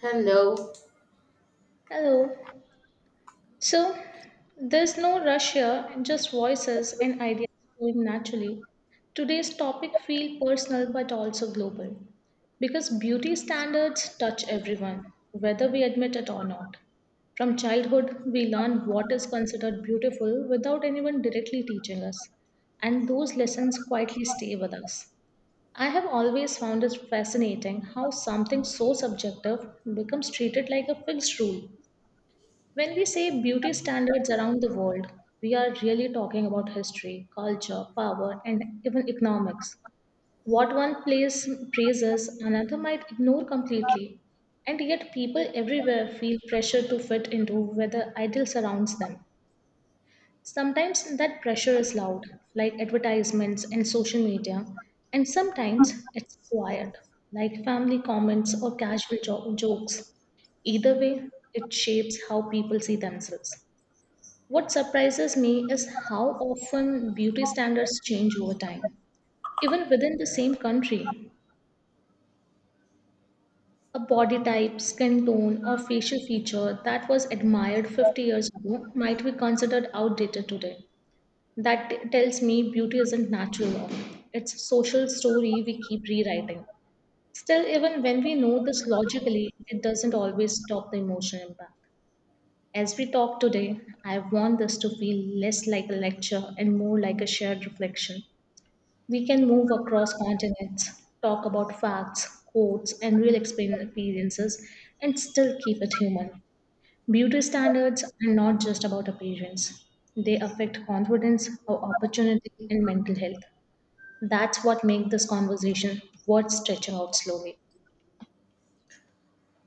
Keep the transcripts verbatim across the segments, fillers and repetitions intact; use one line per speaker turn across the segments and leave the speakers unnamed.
Hello.
Hello. So there's no rush here, just voices and ideas flowing naturally. Today's topic feels personal but also global because beauty standards touch everyone, whether we admit it or not. From childhood, we learn what is considered beautiful without anyone directly teaching us, and those lessons quietly stay with us. I have always found it fascinating how something so subjective becomes treated like a fixed rule when we say beauty standards around the world, we are really talking about history, culture, power, and even economics. What one place praises, another might ignore completely. And yet, people everywhere feel pressure to fit into where the ideal surrounds them. Sometimes that pressure is loud, like advertisements and social media, and sometimes it's quiet, like family comments or casual jo- jokes. Either way, it shapes how people see themselves. What surprises me is how often beauty standards change over time. Even within the same country, a body type, skin tone, or facial feature that was admired fifty years ago might be considered outdated today. That t- tells me beauty isn't natural law, it's a social story we keep rewriting. Still, even when we know this logically, it doesn't always stop the emotional impact. As we talk today, I want this to feel less like a lecture and more like a shared reflection. We can move across continents, talk about facts, quotes, and real explain- experiences, and still keep it human. Beauty standards are not just about appearance, they affect confidence, our opportunity, and mental health. That's what makes this conversation worth stretching out slowly.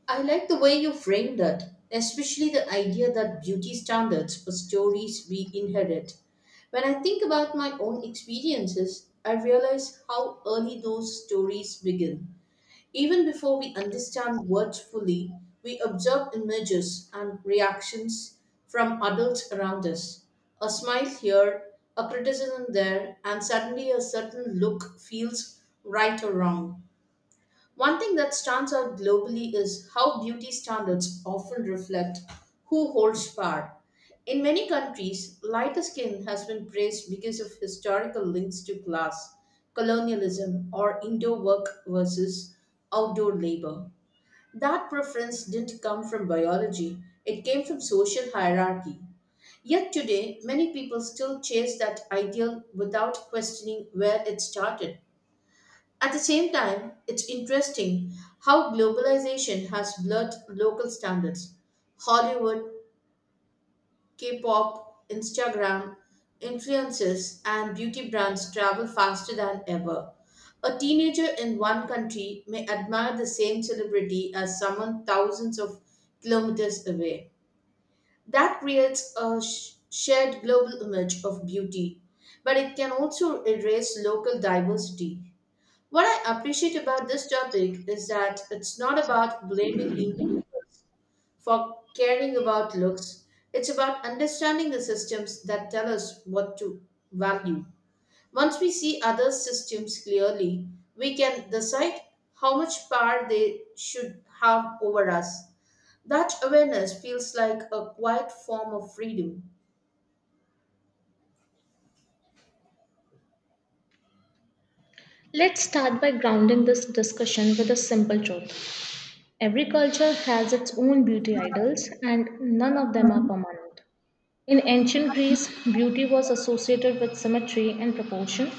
I like the way you framed it, especially the idea that beauty standards or stories we inherit. When I think about my own experiences, I realize how early those stories begin. Even before we understand words fully, we observe images and reactions from adults around us. A smile here, a criticism there, and suddenly a certain look feels right or wrong. One thing that stands out globally is how beauty standards often reflect who holds power. In many countries, lighter skin has been praised because of historical links to class, colonialism, or indoor work versus outdoor labor. That preference didn't come from biology, it came from social hierarchy. Yet today, many people still chase that ideal without questioning where it started. At the same time, it's interesting how globalization has blurred local standards. Hollywood, K pop, Instagram, influencers, and beauty brands travel faster than ever. A teenager in one country may admire the same celebrity as someone thousands of kilometers away. That creates a sh- shared global image of beauty, but it can also erase local diversity. What I appreciate about this topic is that it's not about blaming individuals for caring about looks. It's about understanding the systems that tell us what to value. Once we see other systems clearly, we can decide how much power they should have over us. That awareness feels like a quiet form of freedom.
Let's start by grounding this discussion with a simple truth. Every culture has its own beauty idols, and none of them are permanent. In ancient Greece, beauty was associated with symmetry and proportion,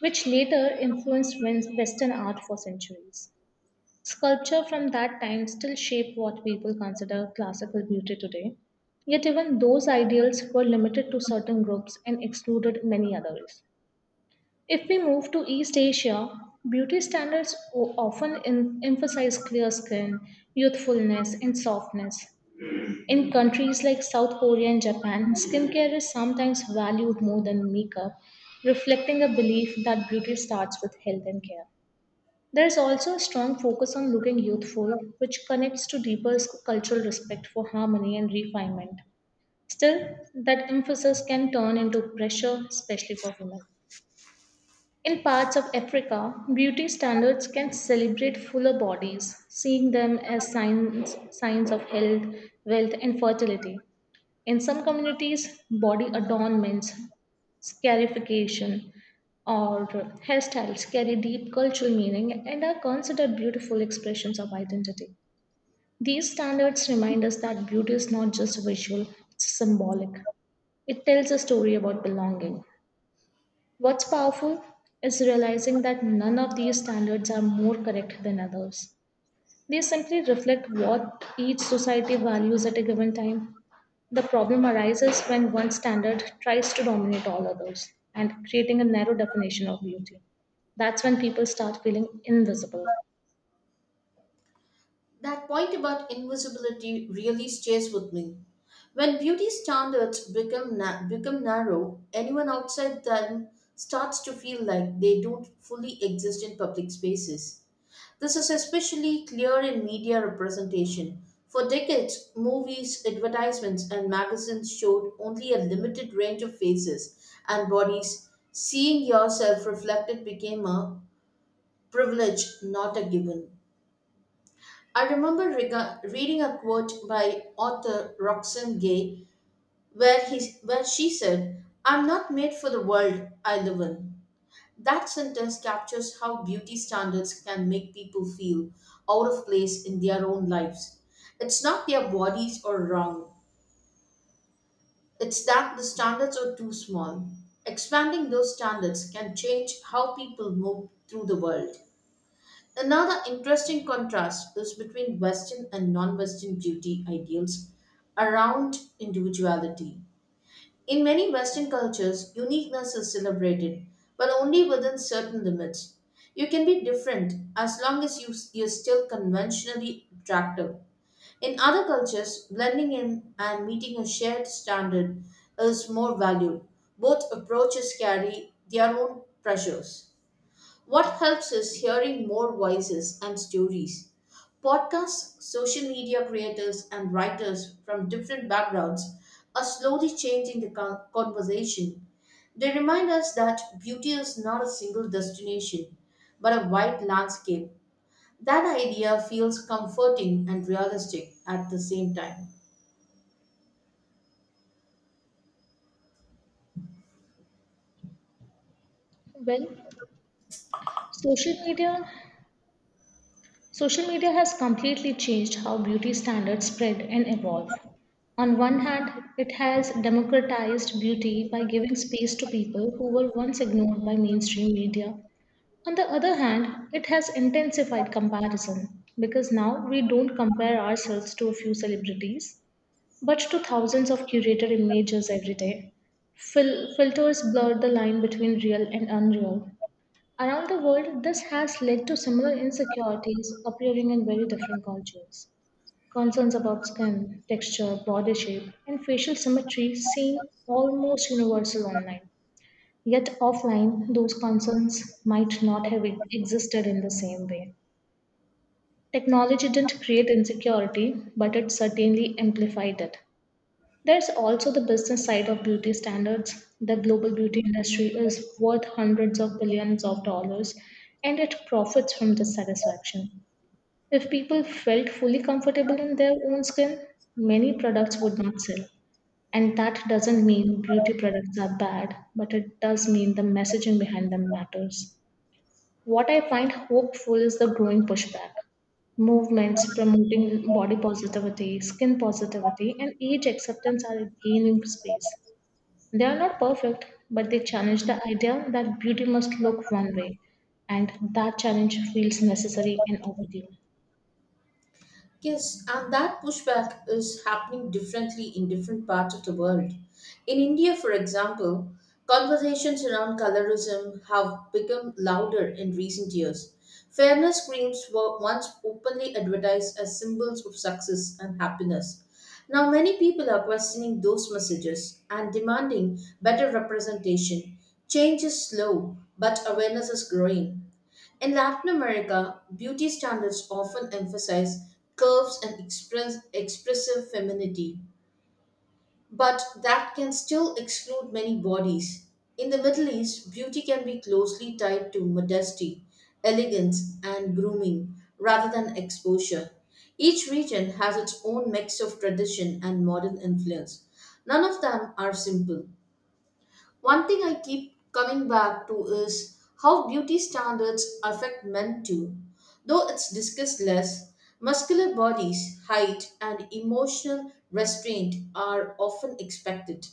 which later influenced Wes- Western art for centuries. Sculpture from that time still shape what people consider classical beauty today. Yet even those ideals were limited to certain groups and excluded many others. If we move to East Asia, beauty standards o- often em- emphasize clear skin, youthfulness, and softness, in countries like South Korea and Japan, skincare is sometimes valued more than makeup, reflecting a belief that beauty starts with health and care. There is also a strong focus on looking youthful, which connects to deeper cultural respect for harmony and refinement. Still, that emphasis can turn into pressure, especially for women. In parts of Africa, beauty standards can celebrate fuller bodies, seeing them as signs, signs of health, wealth, and fertility. In some communities, body adornments, scarification, or hairstyles carry deep cultural meaning and are considered beautiful expressions of identity. These standards remind us that beauty is not just visual, it's symbolic. It tells a story about belonging. What's powerful is realizing that none of these standards are more correct than others. They simply reflect what each society values at a given time. The problem arises when one standard tries to dominate all others and creating a narrow definition of beauty. That's when people start feeling invisible.
That point about invisibility really stays with me. When beauty standards become na- become narrow, anyone outside them starts to feel like they don't fully exist in public spaces. This is especially clear in media representation. For decades, movies, advertisements, and magazines showed only a limited range of faces and bodies. Seeing yourself reflected became a privilege, not a given. I remember rega- reading a quote by author Roxane Gay where, he, where she said, "I'm not made for the world I live in." That sentence captures how beauty standards can make people feel out of place in their own lives. It's not their bodies are wrong, it's that the standards are too small. Expanding those standards can change how people move through the world. Another interesting contrast is between Western and non Western beauty ideals around individuality. In many Western cultures, uniqueness is celebrated, but only within certain limits. You can be different as long as you, you're still conventionally attractive. In other cultures, blending in and meeting a shared standard is more valued. Both approaches carry their own pressures. What helps is hearing more voices and stories. Podcasts, social media creators, and writers from different backgrounds are slowly changing the con- conversation. They remind us that beauty is not a single destination, but a wide landscape. That idea feels comforting and realistic at the same time.
Well, social media social media has completely changed how beauty standards spread and evolve. On one hand, it has democratized beauty by giving space to people who were once ignored by mainstream media. On the other hand, it has intensified comparison because now we don't compare ourselves to a few celebrities, but to thousands of curated images every day. Fil- filters blur the line between real and unreal. Around the world, this has led to similar insecurities appearing in very different cultures. Concerns about skin, texture, body shape, and facial symmetry seem almost universal online. Yet offline, those concerns might not have e-, existed in the same way. Technology didn't create insecurity, but it certainly amplified it. There's also the business side of beauty standards. The global beauty industry is worth hundreds of billions of dollars and it profits from dissatisfaction. If people felt fully comfortable in their own skin, many products would not sell. And that doesn't mean beauty products are bad, but it does mean the messaging behind them matters. What I find hopeful is the growing pushback. Movements promoting body positivity, skin positivity, and age acceptance are gaining space. They are not perfect, but they challenge the idea that beauty must look one way, and that challenge feels necessary and overdue.
Yes, and that pushback is happening differently in different parts of the world. In India, for example, conversations around colorism have become louder in recent years. Fairness creams were once openly advertised as symbols of success and happiness. Now, many people are questioning those messages and demanding better representation. Change is slow, but awareness is growing. In Latin America, beauty standards often emphasize curves and express, expressive femininity, but that can still exclude many bodies. In the Middle East, beauty can be closely tied to modesty, elegance, and grooming rather than exposure. Each region has its own mix of tradition and modern influence. None of them are simple. One thing I keep coming back to is how beauty standards affect men too. Though it's discussed less, muscular bodies, height, and emotional restraint are often expected.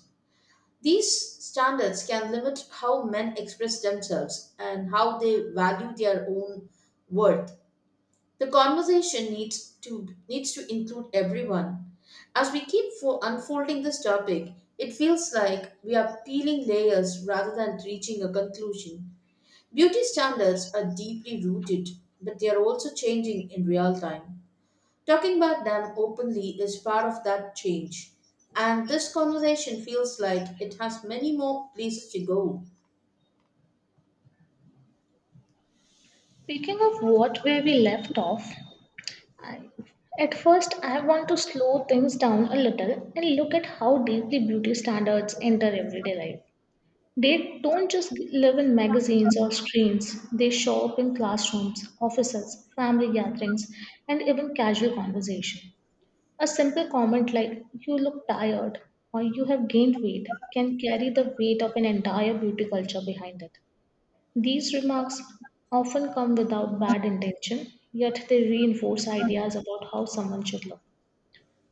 These standards can limit how men express themselves and how they value their own worth. The conversation needs to needs to include everyone. As we keep fo- unfolding this topic, it feels like we are peeling layers rather than reaching a conclusion. Beauty standards are deeply rooted, but they are also changing in real time. Talking about them openly is part of that change. And this conversation feels like it has many more places to go.
Speaking of what where we left off, I, at first, I want to slow things down a little and look at how deeply beauty standards enter everyday life. They don't just live in magazines or screens, they show up in classrooms, offices, family gatherings, and even casual conversation. A simple comment like, "You look tired," or "You have gained weight," can carry the weight of an entire beauty culture behind it. These remarks often come without bad intention, yet they reinforce ideas about how someone should look.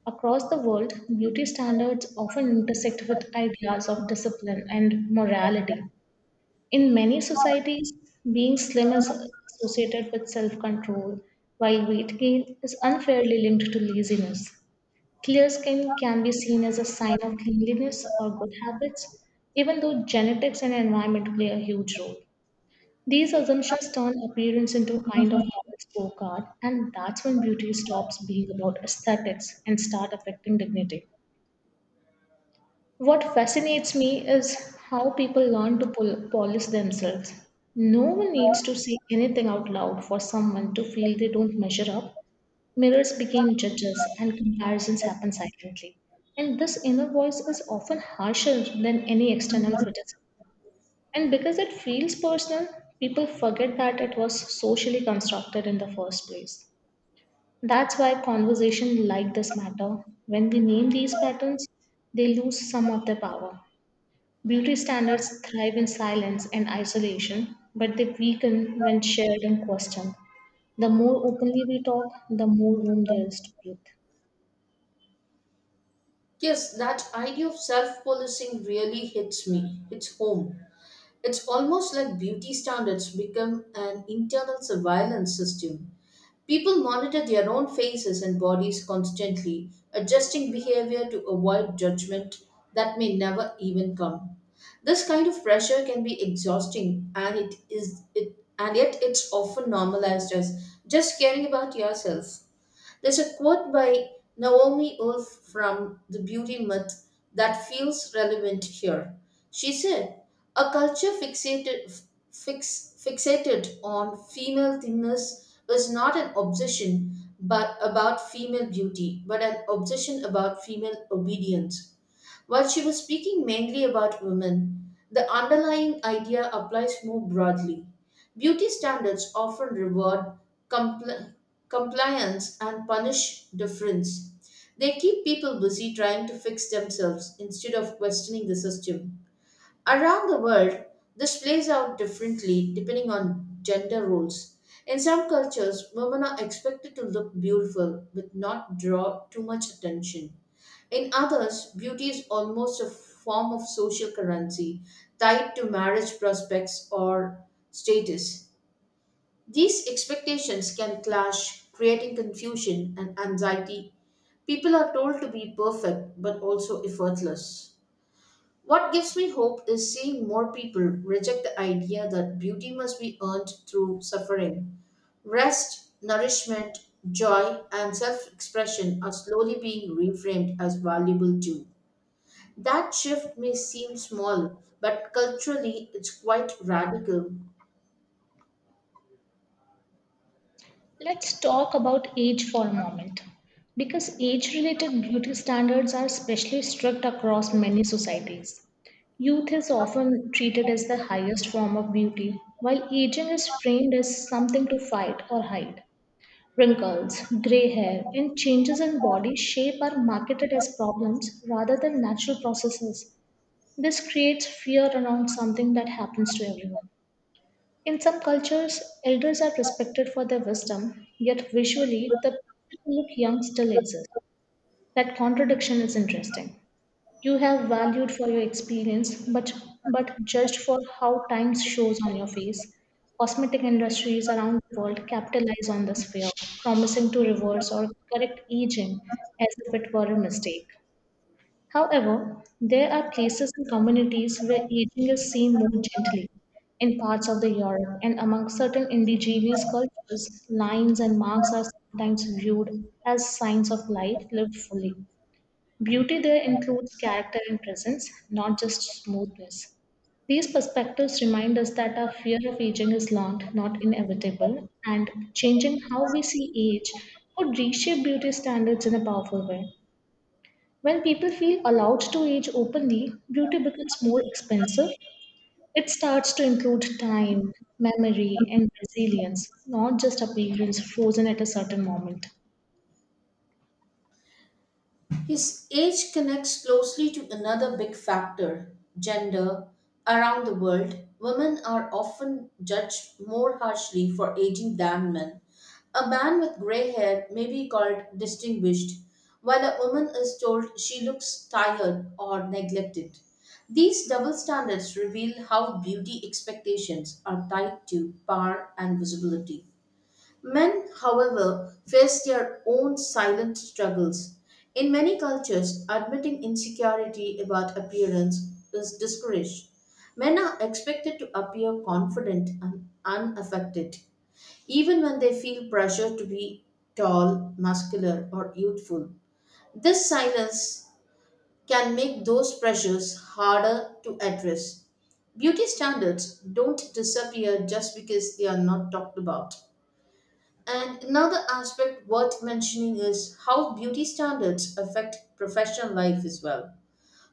Across the world, beauty standards often intersect with ideas of discipline and morality. In many societies, being slim is associated with self control, while weight gain is unfairly linked to laziness. Clear skin can be seen as a sign of cleanliness or good habits, even though genetics and environment play a huge role. These assumptions turn appearance into a kind of moral scorecard, and that's when beauty stops being about aesthetics and start affecting dignity. What fascinates me is how people learn to pol- polish themselves. No one needs to say anything out loud for someone to feel they don't measure up. Mirrors became judges, and comparisons happen silently. And this inner voice is often harsher than any external criticism. And because it feels personal, people forget that it was socially constructed in the first place. That's why conversation like this matter. When we name these patterns, they lose some of their power. Beauty standards thrive in silence and isolation, but they weaken when shared and questioned. The more openly we talk, the more room there is to breathe.
Yes, that idea of self policing really hits me, hits home. It's almost like beauty standards become an internal surveillance system. People monitor their own faces and bodies constantly, adjusting behavior to avoid judgment that may never even come. This kind of pressure can be exhausting, and it is it and yet it's often normalized as just caring about yourself. There's a quote by Naomi Wolf from The Beauty Myth that feels relevant here. She said, "A culture fixated, fix, fixated on female thinness was not an obsession but about female beauty, but an obsession about female obedience." While she was speaking mainly about women, the underlying idea applies more broadly. Beauty standards often reward compl- compliance and punish difference. They keep people busy trying to fix themselves instead of questioning the system. Around the world, this plays out differently depending on gender roles. In some cultures, women are expected to look beautiful but not draw too much attention. In others, beauty is almost a form of social currency tied to marriage prospects or status. These expectations can clash, creating confusion and anxiety. People are told to be perfect but also effortless. What gives me hope is seeing more people reject the idea that beauty must be earned through suffering. Rest, nourishment, joy, and self expression are slowly being reframed as valuable too. That shift may seem small, but culturally it's quite radical.
Let's talk about age for a moment because age related beauty standards are especially strict across many societies. Youth is often treated as the highest form of beauty, while aging is framed as something to fight or hide. Wrinkles, gray hair, and changes in body shape are marketed as problems rather than natural processes. This creates fear around something that happens to everyone. In some cultures, elders are respected for their wisdom, yet visually, the pressure to look young still exists. That contradiction is interesting. You have valued for your experience, but but judged for how time shows on your face. Cosmetic industries around the world capitalize on this fear, promising to reverse or correct aging as if it were a mistake. However, there are places and communities where aging is seen more gently. In parts of the Europe and among certain indigenous cultures, lines and marks are sometimes viewed as signs of life lived fully. Beauty there includes character and presence, not just smoothness. These perspectives remind us that our fear of aging is learned, not inevitable, and changing how we see age could reshape beauty standards in a powerful way. When people feel allowed to age openly, beauty becomes more expensive. It starts to include time, memory, and resilience, not just appearance frozen at a certain moment.
His age connects closely to another big factor, gender. Around the world, women are often judged more harshly for aging than men. A man with gray hair may be called distinguished, while a woman is told she looks tired or neglected. These double standards reveal how beauty expectations are tied to power and visibility. Men, however, face their own silent struggles. In many cultures, admitting insecurity about appearance is discouraged. Men are expected to appear confident and unaffected, even when they feel pressure to be tall, muscular, or youthful. This silence can make those pressures harder to address. Beauty standards don't disappear just because they are not talked about. And another aspect worth mentioning is how beauty standards affect professional life as well.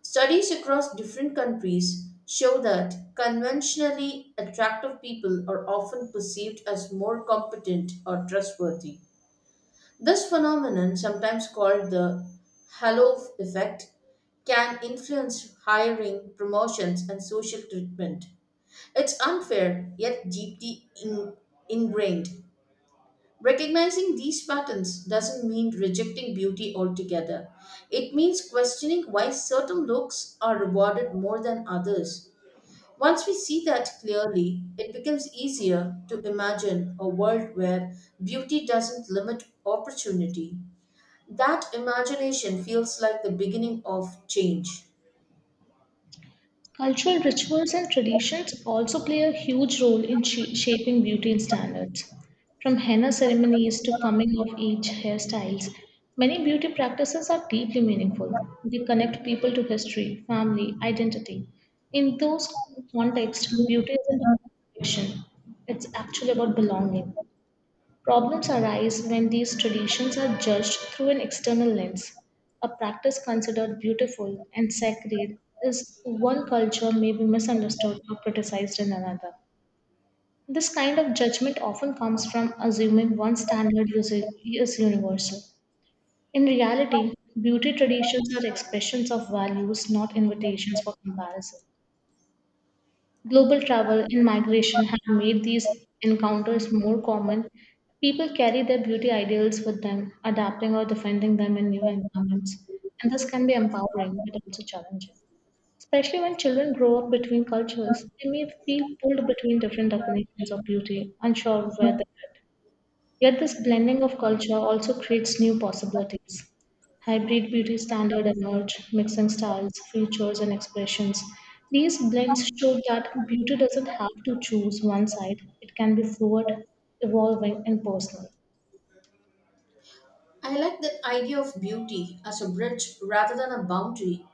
Studies across different countries show that conventionally attractive people are often perceived as more competent or trustworthy. This phenomenon, sometimes called the halo effect, can influence hiring, promotions, and social treatment. It's unfair, yet deeply in- ingrained. Recognizing these patterns doesn't mean rejecting beauty altogether. It means questioning why certain looks are rewarded more than others. Once we see that clearly, it becomes easier to imagine a world where beauty doesn't limit opportunity. That imagination feels like the beginning of change.
Cultural rituals and traditions also play a huge role in sh- shaping beauty and standards. From henna ceremonies to coming of age hairstyles, many beauty practices are deeply meaningful. They connect people to history, family, identity. In those contexts, beauty isn't about perfection, it's actually about belonging. Problems arise when these traditions are judged through an external lens. A practice considered beautiful and sacred is one culture may be misunderstood or criticized in another. This kind of judgment often comes from assuming one standard is is universal. In reality, beauty traditions are expressions of values, not invitations for comparison. Global travel and migration have made these encounters more common. People carry their beauty ideals with them, adapting or defending them in new environments. And this can be empowering but also challenging. Especially when children grow up between cultures, they may feel pulled between different definitions of beauty, unsure of where they fit. Yet this blending of culture also creates new possibilities. Hybrid beauty standards emerge, mixing styles, features, and expressions. These blends show that beauty doesn't have to choose one side, it can be fluid, evolving, and personal.
I like that idea of beauty as a bridge rather than a boundary.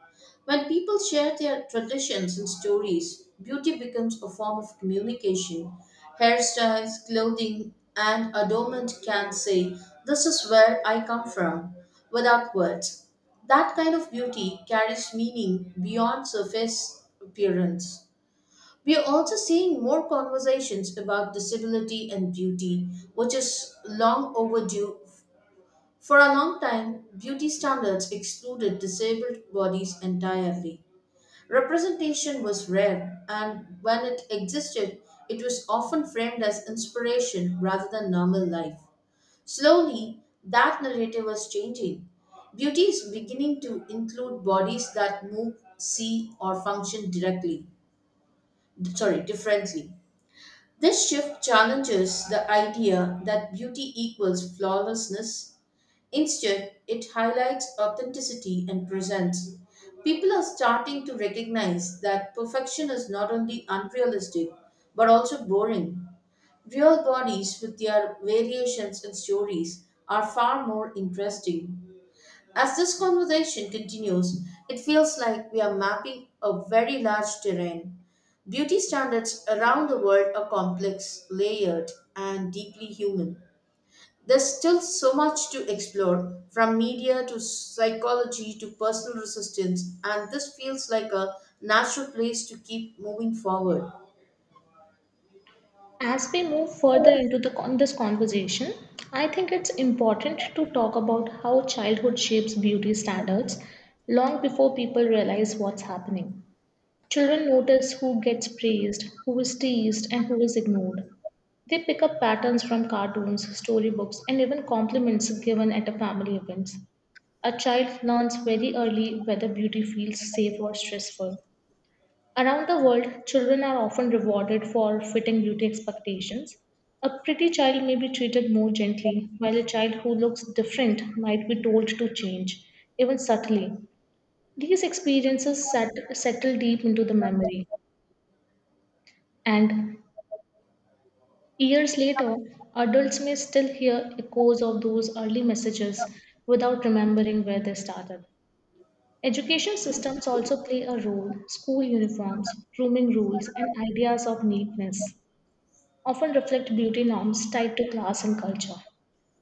When people share their traditions and stories, beauty becomes a form of communication. Hairstyles, clothing, and adornment can say, "This is where I come from," without words. That kind of beauty carries meaning beyond surface appearance. We are also seeing more conversations about disability and beauty, which is long overdue. For a long time, beauty standards excluded disabled bodies entirely. Representation was rare, and when it existed, it was often framed as inspiration rather than normal life. Slowly, that narrative was changing. Beauty is beginning to include bodies that move, see, or function directly, sorry, differently. This shift challenges the idea that beauty equals flawlessness. Instead, it highlights authenticity and presence. People are starting to recognize that perfection is not only unrealistic but also boring. Real bodies with their variations and stories are far more interesting. As this conversation continues, it feels like we are mapping a very large terrain. Beauty standards around the world are complex, layered, and deeply human. There's still so much to explore, from media to psychology to personal resistance, and this feels like a natural place to keep moving forward.
As we move further into the, con- this conversation, I think it's important to talk about how childhood shapes beauty standards long before people realize what's happening. Children notice who gets praised, who is teased, and who is ignored. They pick up patterns from cartoons, storybooks, and even compliments given at a family event. A child learns very early whether beauty feels safe or stressful. Around the world, children are often rewarded for fitting beauty expectations. A pretty child may be treated more gently, while a child who looks different might be told to change, even subtly. These experiences sat- settle deep into the memory. And years later, adults may still hear echoes of those early messages without remembering where they started. Education systems also play a role. School uniforms, grooming rules, and ideas of neatness often reflect beauty norms tied to class and culture.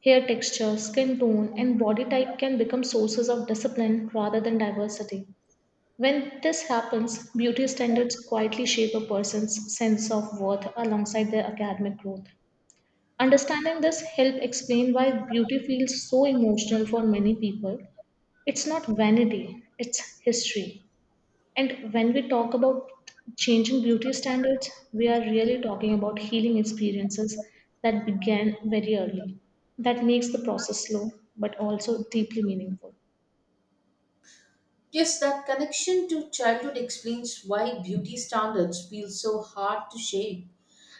Hair texture, skin tone, and body type can become sources of discipline rather than diversity. When this happens, beauty standards quietly shape a person's sense of worth alongside their academic growth. Understanding this help explain why beauty feels so emotional for many people. It's not vanity, it's history. And when we talk about changing beauty standards, we are really talking about healing experiences that began very early. That makes the process slow but also deeply meaningful.
Yes, that connection to childhood explains why beauty standards feel so hard to shake.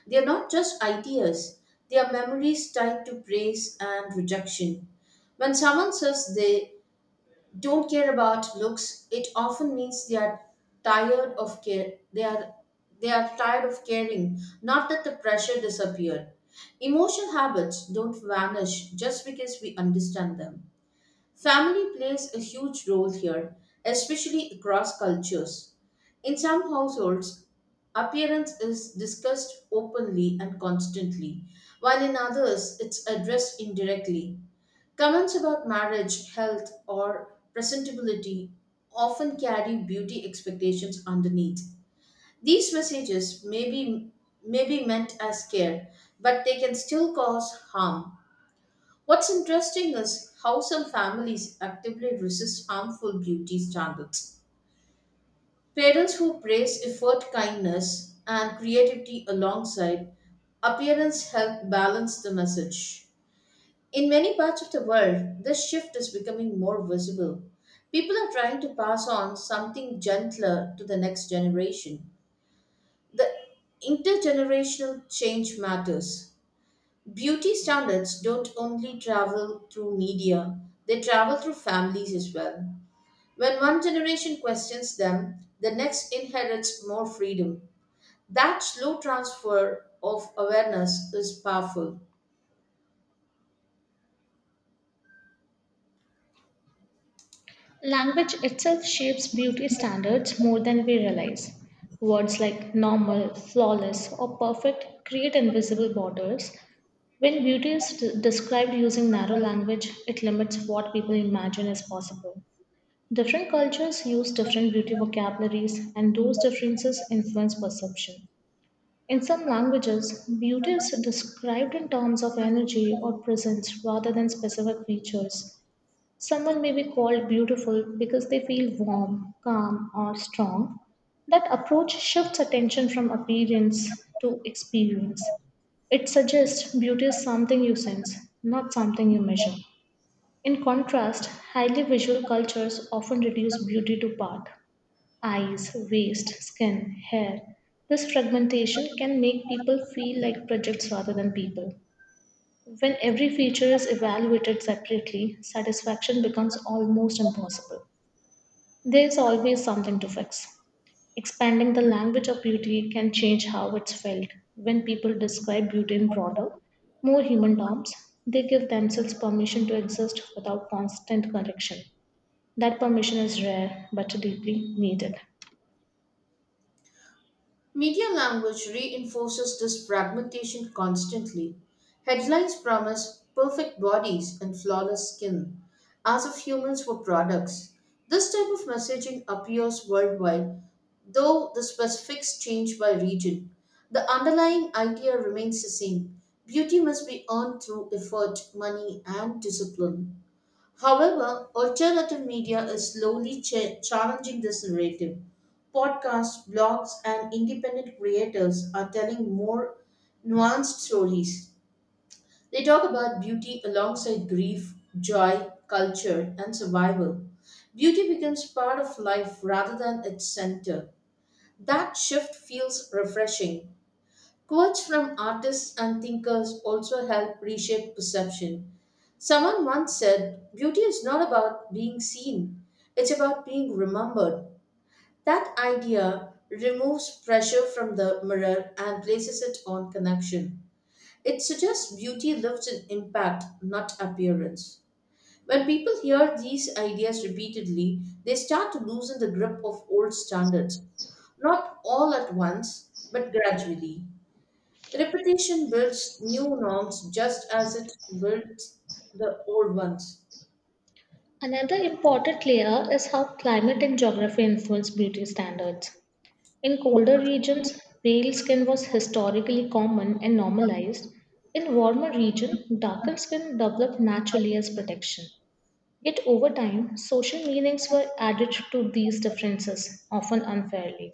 They are not just ideas, they are memories tied to praise and rejection. When someone says they don't care about looks, it often means they are tired of care they are they are tired of caring, not that the pressure disappeared. Emotional habits don't vanish just because we understand them. Family plays a huge role here, especially across cultures. In some households, appearance is discussed openly and constantly, while in others it's addressed indirectly. Comments about marriage, health, or presentability often carry beauty expectations underneath. These messages may be, may be meant as care, but they can still cause harm. What's interesting is how some families actively resist harmful beauty standards. Parents who praise effort, kindness, and creativity alongside appearance help balance the message. In many parts of the world, this shift is becoming more visible. People are trying to pass on something gentler to the next generation. The intergenerational change matters. Beauty standards don't only travel through media, they travel through families as well. When one generation questions them, the next inherits more freedom. That slow transfer of awareness is powerful.
Language itself shapes beauty standards more than we realize. Words like normal, flawless, or perfect create invisible borders. When beauty is d- described using narrow language, it limits what people imagine is possible. Different cultures use different beauty vocabularies, and those differences influence perception. In some languages, beauty is described in terms of energy or presence rather than specific features. Someone may be called beautiful because they feel warm, calm, or strong. That approach shifts attention from appearance to experience. It suggests beauty is something you sense, not something you measure. In contrast, highly visual cultures often reduce beauty to part eyes, waist, skin, hair. This fragmentation can make people feel like projects rather than people. When every feature is evaluated separately, satisfaction becomes almost impossible. There is always something to fix. Expanding the language of beauty can change how it's felt. When people describe beauty in broader, more human terms, they give themselves permission to exist without constant correction. That permission is rare but deeply needed.
Media language reinforces this fragmentation constantly. Headlines promise perfect bodies and flawless skin, as if humans were products. This type of messaging appears worldwide, though the specifics change by region. The underlying idea remains the same: beauty must be earned through effort, money, and discipline. However, alternative media is slowly cha- challenging this narrative. Podcasts, blogs, and independent creators are telling more nuanced stories. They talk about beauty alongside grief, joy, culture, and survival. Beauty becomes part of life rather than its center. That shift feels refreshing. Quotes from artists and thinkers also help reshape perception. Someone once said, "Beauty is not about being seen, it's about being remembered." That idea removes pressure from the mirror and places it on connection. It suggests beauty lives in impact, not appearance. When people hear these ideas repeatedly, they start to loosen the grip of old standards, not all at once, but gradually. Repetition builds new norms just as it builds the old ones.
Another important layer is how climate and geography influence beauty standards. In colder regions, pale skin was historically common and normalized. In warmer regions, darkened skin developed naturally as protection. Yet over time, social meanings were added to these differences, often unfairly.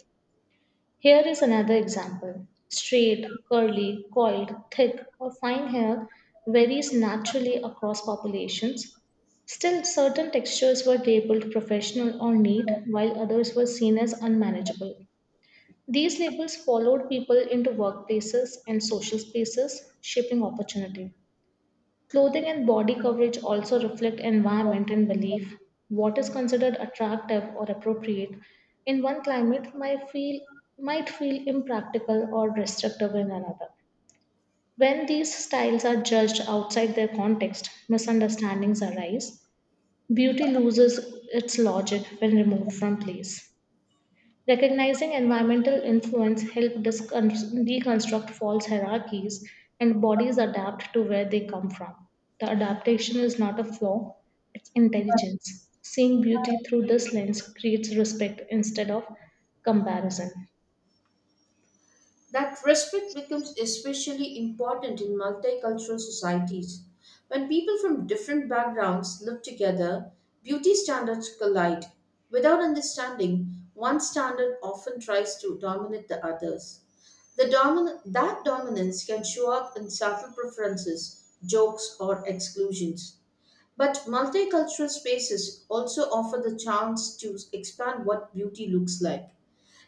Here is another example. Straight, curly, coiled, thick, or fine hair varies naturally across populations. Still, certain textures were labeled professional or neat, while others were seen as unmanageable. These labels followed people into workplaces and social spaces, shaping opportunity. Clothing and body coverage also reflect environment and belief. What is considered attractive or appropriate in one climate might feel might feel impractical or restrictive in another. When these styles are judged outside their context, misunderstandings arise. Beauty loses its logic when removed from place. Recognizing environmental influence helps deconstruct false hierarchies and bodies adapt to where they come from. The adaptation is not a flaw, it's intelligence. Seeing beauty through this lens creates respect instead of comparison.
That respect becomes especially important in multicultural societies. When people from different backgrounds live together, beauty standards collide. Without understanding, one standard often tries to dominate the others. The domin- that dominance can show up in subtle preferences, jokes, or exclusions. But multicultural spaces also offer the chance to expand what beauty looks like.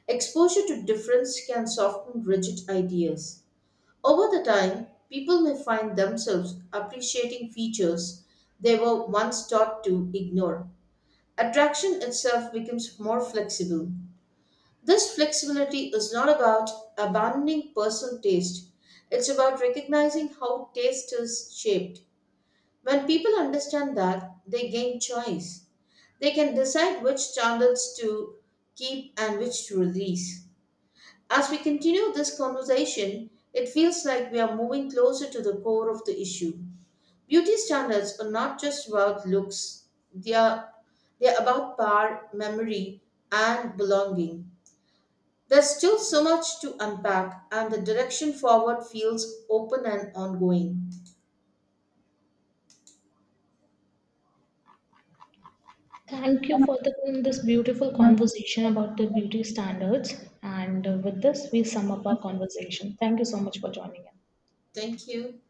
Exposure to difference can soften rigid ideas. Over the time, people may find themselves appreciating features they were once taught to ignore. Attraction itself becomes more flexible. This flexibility is not about abandoning personal taste, it's about recognizing how taste is shaped. When people understand that, they gain choice. They can decide which standards to keep and which to release. As we continue this conversation, it feels like we are moving closer to the core of the issue. Beauty standards are not just about looks, they are, they are about power, memory, and belonging. There's still so much to unpack, and the direction forward feels open and ongoing.
Thank you for the, this beautiful conversation about the beauty standards. And uh, with this, we sum up our conversation. Thank you so much for joining in.
Thank you.